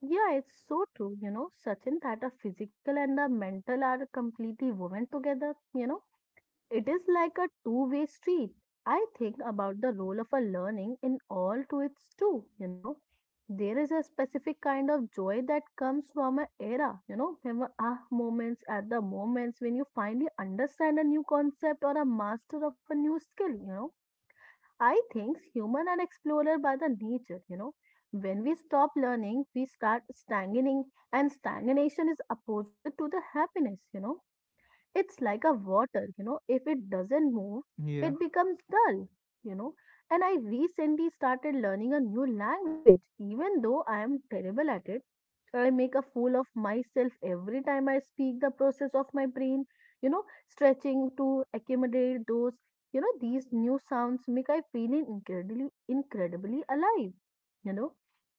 Speaker 2: Yeah, it's so true, you know, Sachin, that a physical and a mental are completely woven together, you know It is like a two-way street. I think about the role of a learning in all to its two. you know. There is a specific kind of joy that comes from an era, you know, from a ah moments at the moments when you finally understand a new concept or a master of a new skill, you know. I think human are explorer by the nature, you know. When we stop learning, we start stagnating, and stagnation is opposite to the happiness, you know It's like a water, you know, if it doesn't move,
Speaker 1: Yeah.
Speaker 2: it becomes dull, you know. And I recently started learning a new language, even though I am terrible at it. So, I make a fool of myself every time I speak the process of my brain, you know, stretching to accommodate those, you know, these new sounds make I feeling incredibly incredibly alive. You know,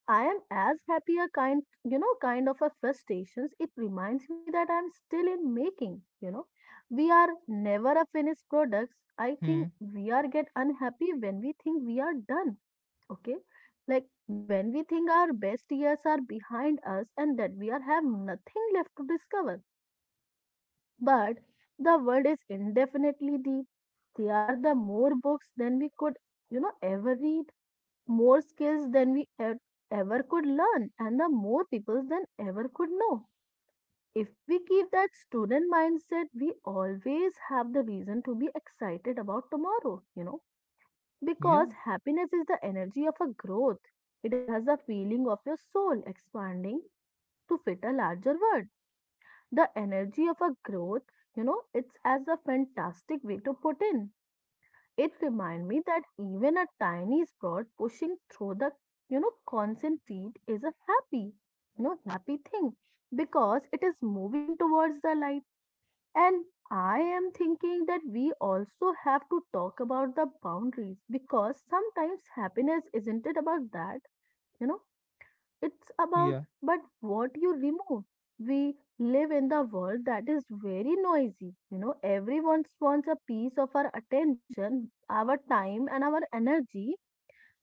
Speaker 2: I am as happy a kind, you know, kind of a frustrations. It reminds me that I'm still in making, you know. We are never a finished products. I think
Speaker 1: Hmm.
Speaker 2: we are get unhappy when we think we are done. Okay. Like when we think our best years are behind us and that we are have nothing left to discover. But the world is indefinitely deep. There are the more books than we could, you know, ever read, more skills than we e- ever could learn, and the more people than ever could know. If we keep that student mindset, we always have the reason to be excited about tomorrow, you know
Speaker 1: Yeah.
Speaker 2: because happiness is the energy of a growth. It has a feeling of your soul expanding to fit a larger world. The energy of a growth, you know, it's as a fantastic way to put in. It reminds me that even a tiny sprout pushing through the, you know, concentrate is a happy, you know, happy thing because it is moving towards the light. And I am thinking that we also have to talk about the boundaries because sometimes happiness isn't it about that? You know, it's about
Speaker 1: Yeah.
Speaker 2: but what you remove. We live in the world that is very noisy. You know, everyone wants a piece of our attention, our time, and our energy.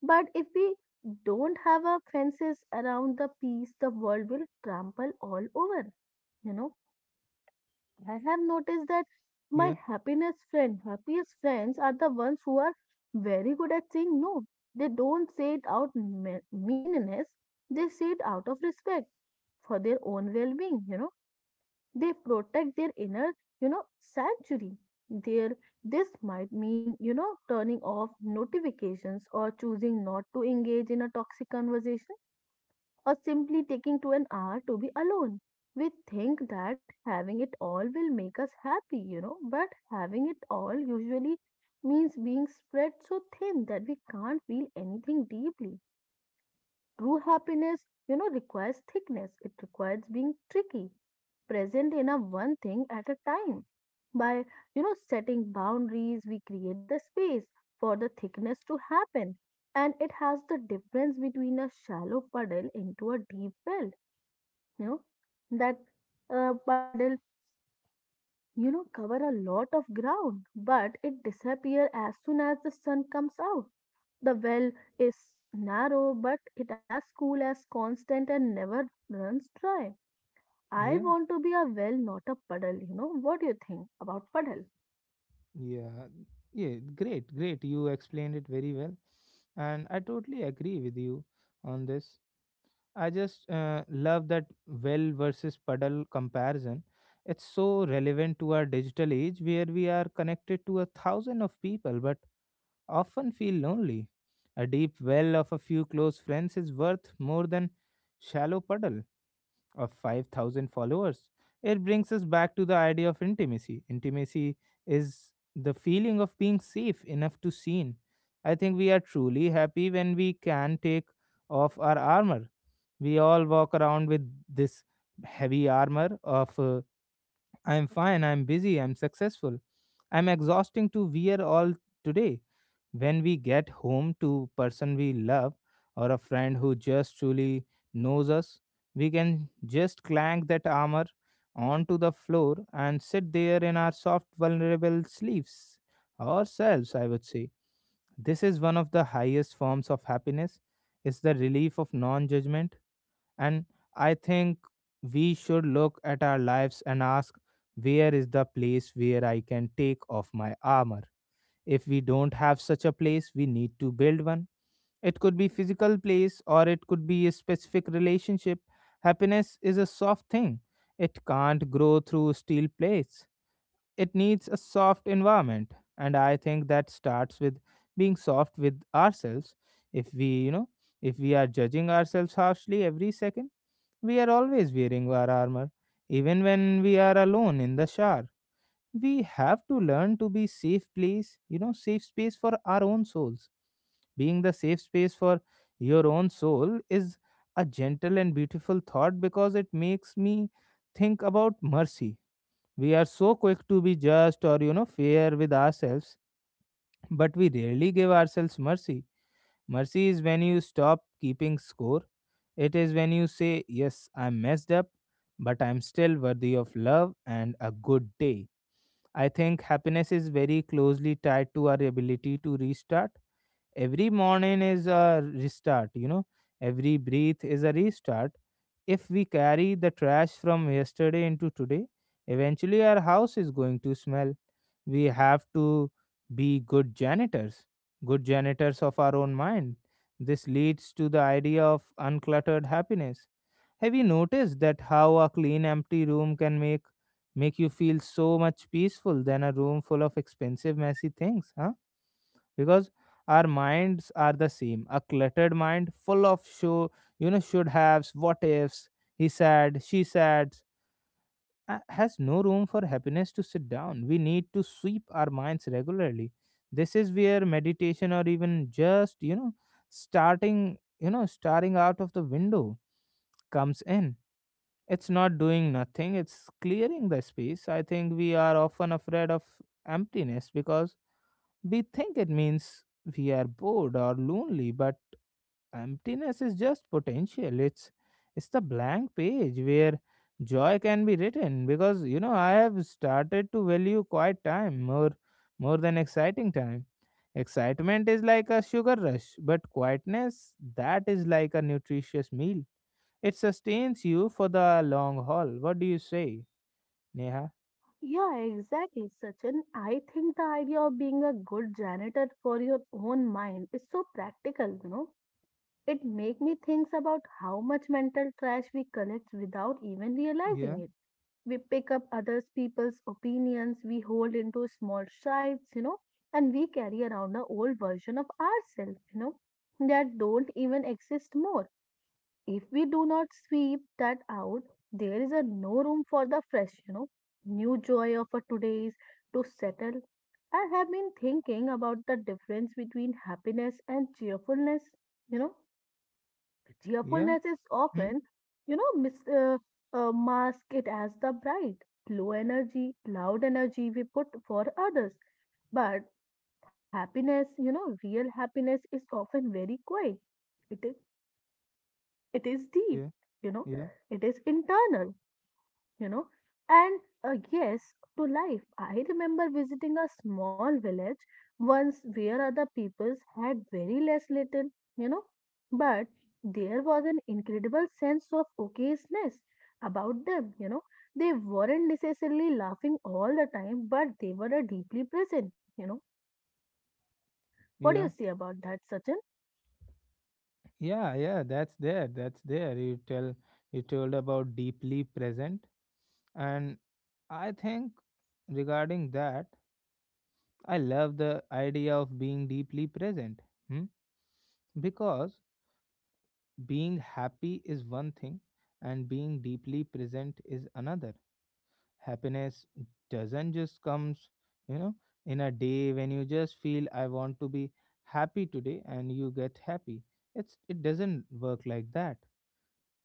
Speaker 2: But if we don't have our fences around the peace, the world will trample all over. You know, I have noticed that my
Speaker 1: Yeah.
Speaker 2: happiness friend, happiest friends are the ones who are very good at saying no. They don't say it out me- meanness, they say it out of respect for their own well-being, you know. They protect their inner, you know, sanctuary. Their this might mean, you know, turning off notifications or choosing not to engage in a toxic conversation or simply taking to an hour to be alone. We think that having it all will make us happy, you know, but having it all usually means being spread so thin that we can't feel anything deeply. True happiness, you know, requires thickness, it requires being tricky, present in a one thing at a time. By, you know, setting boundaries, we create the space for the thickness to happen, and it has the difference between a shallow puddle into a deep well you know that uh, puddle you know cover a lot of ground, but it disappear as soon as the sun comes out. The well is narrow, but it as cool as constant and never runs dry. I
Speaker 1: Yeah.
Speaker 2: want to be a well, not a puddle you know What do you think about puddle?
Speaker 1: Yeah. Yeah. Great. Great. You explained it very well. And I totally agree with you on this. I just uh, love that well versus puddle comparison. It's so relevant to our digital age where we are connected to a thousand of people but often feel lonely. A deep well of a few close friends is worth more than shallow puddle of five thousand followers. It brings us back to the idea of intimacy. Intimacy is the feeling of being safe enough to seen. I think we are truly happy when we can take off our armor. We all walk around with this heavy armor of uh, I'm fine, I'm busy, I'm successful. I'm exhausting to wear all today. When we get home to person we love or a friend who just truly knows us, we can just clank that armor onto the floor and sit there in our soft vulnerable sleeves ourselves, I would say. This is one of the highest forms of happiness. It's the relief of non judgment. And I think we should look at our lives and ask, where is the place where I can take off my armor? If we don't have such a place, we need to build one. It could be physical place or it could be a specific relationship. Happiness is a soft thing. It can't grow through steel plates. It needs a soft environment. And I think that starts with being soft with ourselves. If we, you know, if we are judging ourselves harshly every second, we are always wearing our armor, even when we are alone in the shower. We have to learn to be safe place, you know, safe space for our own souls. Being the safe space for your own soul is a gentle and beautiful thought because it makes me think about mercy. We are so quick to be just or, you know, fair with ourselves, but we rarely give ourselves mercy. Mercy is when you stop keeping score. It is when you say, yes, I messed up, but I'm still worthy of love and a good day. I think happiness is very closely tied to our ability to restart. Every morning is a restart, you know, every breath is a restart. If we carry the trash from yesterday into today, eventually our house is going to smell. We have to be good janitors, good janitors of our own mind. This leads to the idea of uncluttered happiness. Have you noticed that how a clean empty room can make make you feel so much peaceful than a room full of expensive messy things, huh? Because our minds are the same. A cluttered mind full of show, you know, should haves, what ifs, he said she said, uh, has no room for happiness to sit down. We need to sweep our minds regularly. This is where meditation or even just, you know starting you know staring out of the window comes in. It's not doing nothing, it's clearing the space. I think we are often afraid of emptiness because we think it means we are bored or lonely, but emptiness is just potential. It's it's the blank page where joy can be written. Because you know I have started to value quiet time more more than exciting time. Excitement is like a sugar rush, but quietness that is like a nutritious meal. It sustains you for the long haul. What do you say, Neha?
Speaker 2: Yeah, exactly, Sachin. I think the idea of being a good janitor for your own mind is so practical you know It make me thinks about how much mental trash we collect without even
Speaker 1: Yeah,
Speaker 2: realizing it. We pick up others people's opinions, we hold into small strides, you know, and we carry around the old version of ourselves, you know, that don't even exist more. If we do not sweep that out, there is a no room for the fresh, you know, new joy of a today's to settle. I have been thinking about the difference between happiness and cheerfulness, you know
Speaker 1: yeah,
Speaker 2: Cheerfulness is
Speaker 1: hmm,
Speaker 2: often, you know, mis- uh, uh, masked it as the bright, low energy, loud energy we put for others. But happiness, you know, real happiness is often very quiet. It is, it is deep,
Speaker 1: yeah,
Speaker 2: you know,
Speaker 1: yeah,
Speaker 2: it is internal you know. And uh, yes, to life. I remember visiting a small village once where other peoples had very less little, you know, but there was an incredible sense of okayness about them, you know. They weren't necessarily laughing all the time, but they were uh, deeply present, you know. What do you say
Speaker 1: yeah.
Speaker 2: about that, Sachin?
Speaker 1: Yeah, yeah, that's there. That's there. You tell you told about deeply present, and I think regarding that, I love the idea of being deeply present. Hmm? Because being happy is one thing and being deeply present is another. Happiness doesn't just comes, you know, in a day when you just feel I want to be happy today and you get happy. It's it doesn't work like that.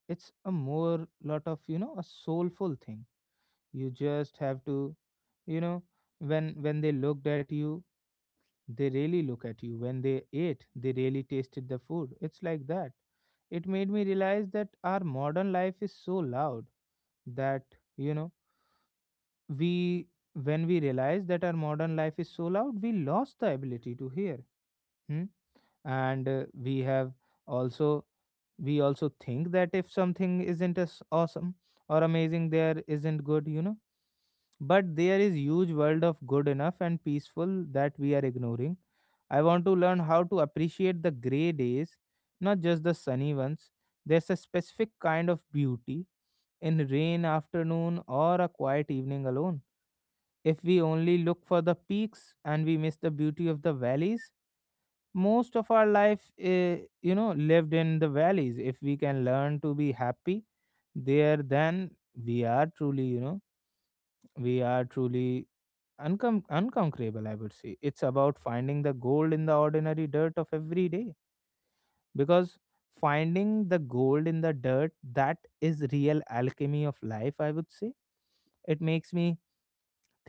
Speaker 1: It's a more lot of, you know a soulful thing. You just have to, you know when when they looked at you, they really look at you, when they ate they really tasted the food. It's like that. It made me realize that our modern life is so loud that, you know we when we realize that our modern life is so loud we lost the ability to hear. Hmm? And uh, we have also, we also think that if something isn't as awesome or amazing there isn't good, you know, but there is huge world of good enough and peaceful that we are ignoring. I want to learn how to appreciate the gray days, not just the sunny ones. There's a specific kind of beauty in rain afternoon or a quiet evening alone. If we only look for the peaks and we miss the beauty of the valleys, most of our life eh, you know lived in the valleys. If we can learn to be happy there, then we are truly you know we are truly uncom unconquerable, I would say. It's about finding the gold in the ordinary dirt of every day, because finding the gold in the dirt, that is real alchemy of life, I would say. It makes me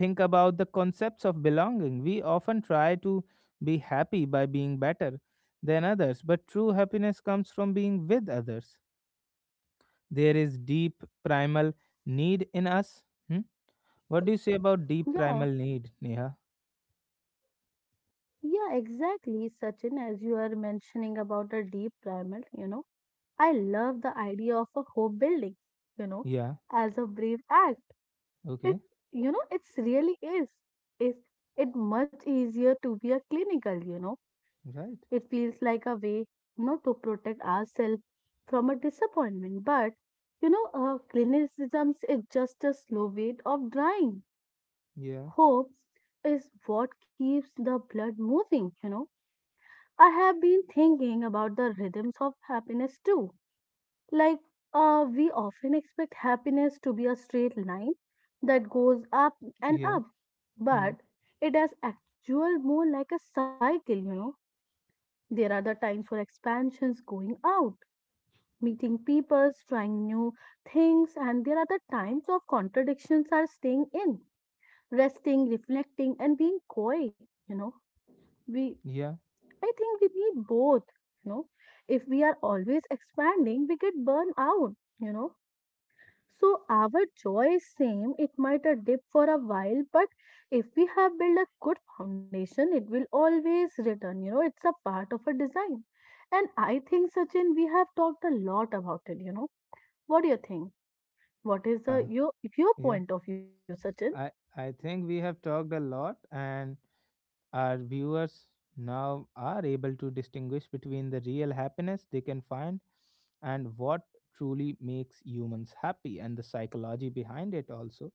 Speaker 1: think about the concepts of belonging. We often try to be happy by being better than others, but true happiness comes from being with others. There is deep primal need in us. Hmm? What do you say about deep
Speaker 2: Yeah,
Speaker 1: primal need, Neha?
Speaker 2: yeah, exactly, Sachin, as you are mentioning about a deep primal, you know. I love the idea of a home building, you know,
Speaker 1: Yeah,
Speaker 2: as a brave act. It,
Speaker 1: okay,
Speaker 2: you know, it's really is. Is it much easier to be a clinical, you know?
Speaker 1: right.
Speaker 2: It feels like a way, you know, to protect ourselves from a disappointment. But, you know, uh, clinicism is just a slow way of drying.
Speaker 1: Yeah,
Speaker 2: Hope is what keeps the blood moving, you know. I have been thinking about the rhythms of happiness too. Like, uh, we often expect happiness to be a straight line that goes up and
Speaker 1: yeah,
Speaker 2: up,
Speaker 1: hmm.
Speaker 2: but it is actual more like a cycle, you know. There are the times for expansions, going out, meeting people, trying new things, and there are the times of contradictions are staying in, resting, reflecting, and being quiet, you know. We,
Speaker 1: Yeah,
Speaker 2: I think we need both, you know. If we are always expanding, we get burned out, you know So our joy is same. It might a dip for a while, but if we have built a good foundation, it will always return. You know, it's a part of a design. And I think Sachin, we have talked a lot about it. You know, what do you think? What is
Speaker 1: uh,
Speaker 2: the your your
Speaker 1: yeah.
Speaker 2: point of view, Sachin?
Speaker 1: I, I think we have talked a lot, and our viewers now are able to distinguish between the real happiness they can find and what truly makes humans happy and the psychology behind it also.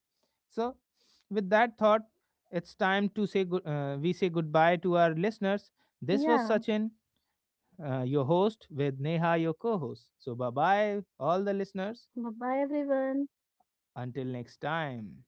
Speaker 1: So, with that thought, it's time to say good. Uh, we say goodbye to our listeners. This
Speaker 2: Yeah.
Speaker 1: was Sachin, uh, your host, with Neha, your co-host. So, bye bye, all the listeners.
Speaker 2: Bye bye, everyone.
Speaker 1: Until next time.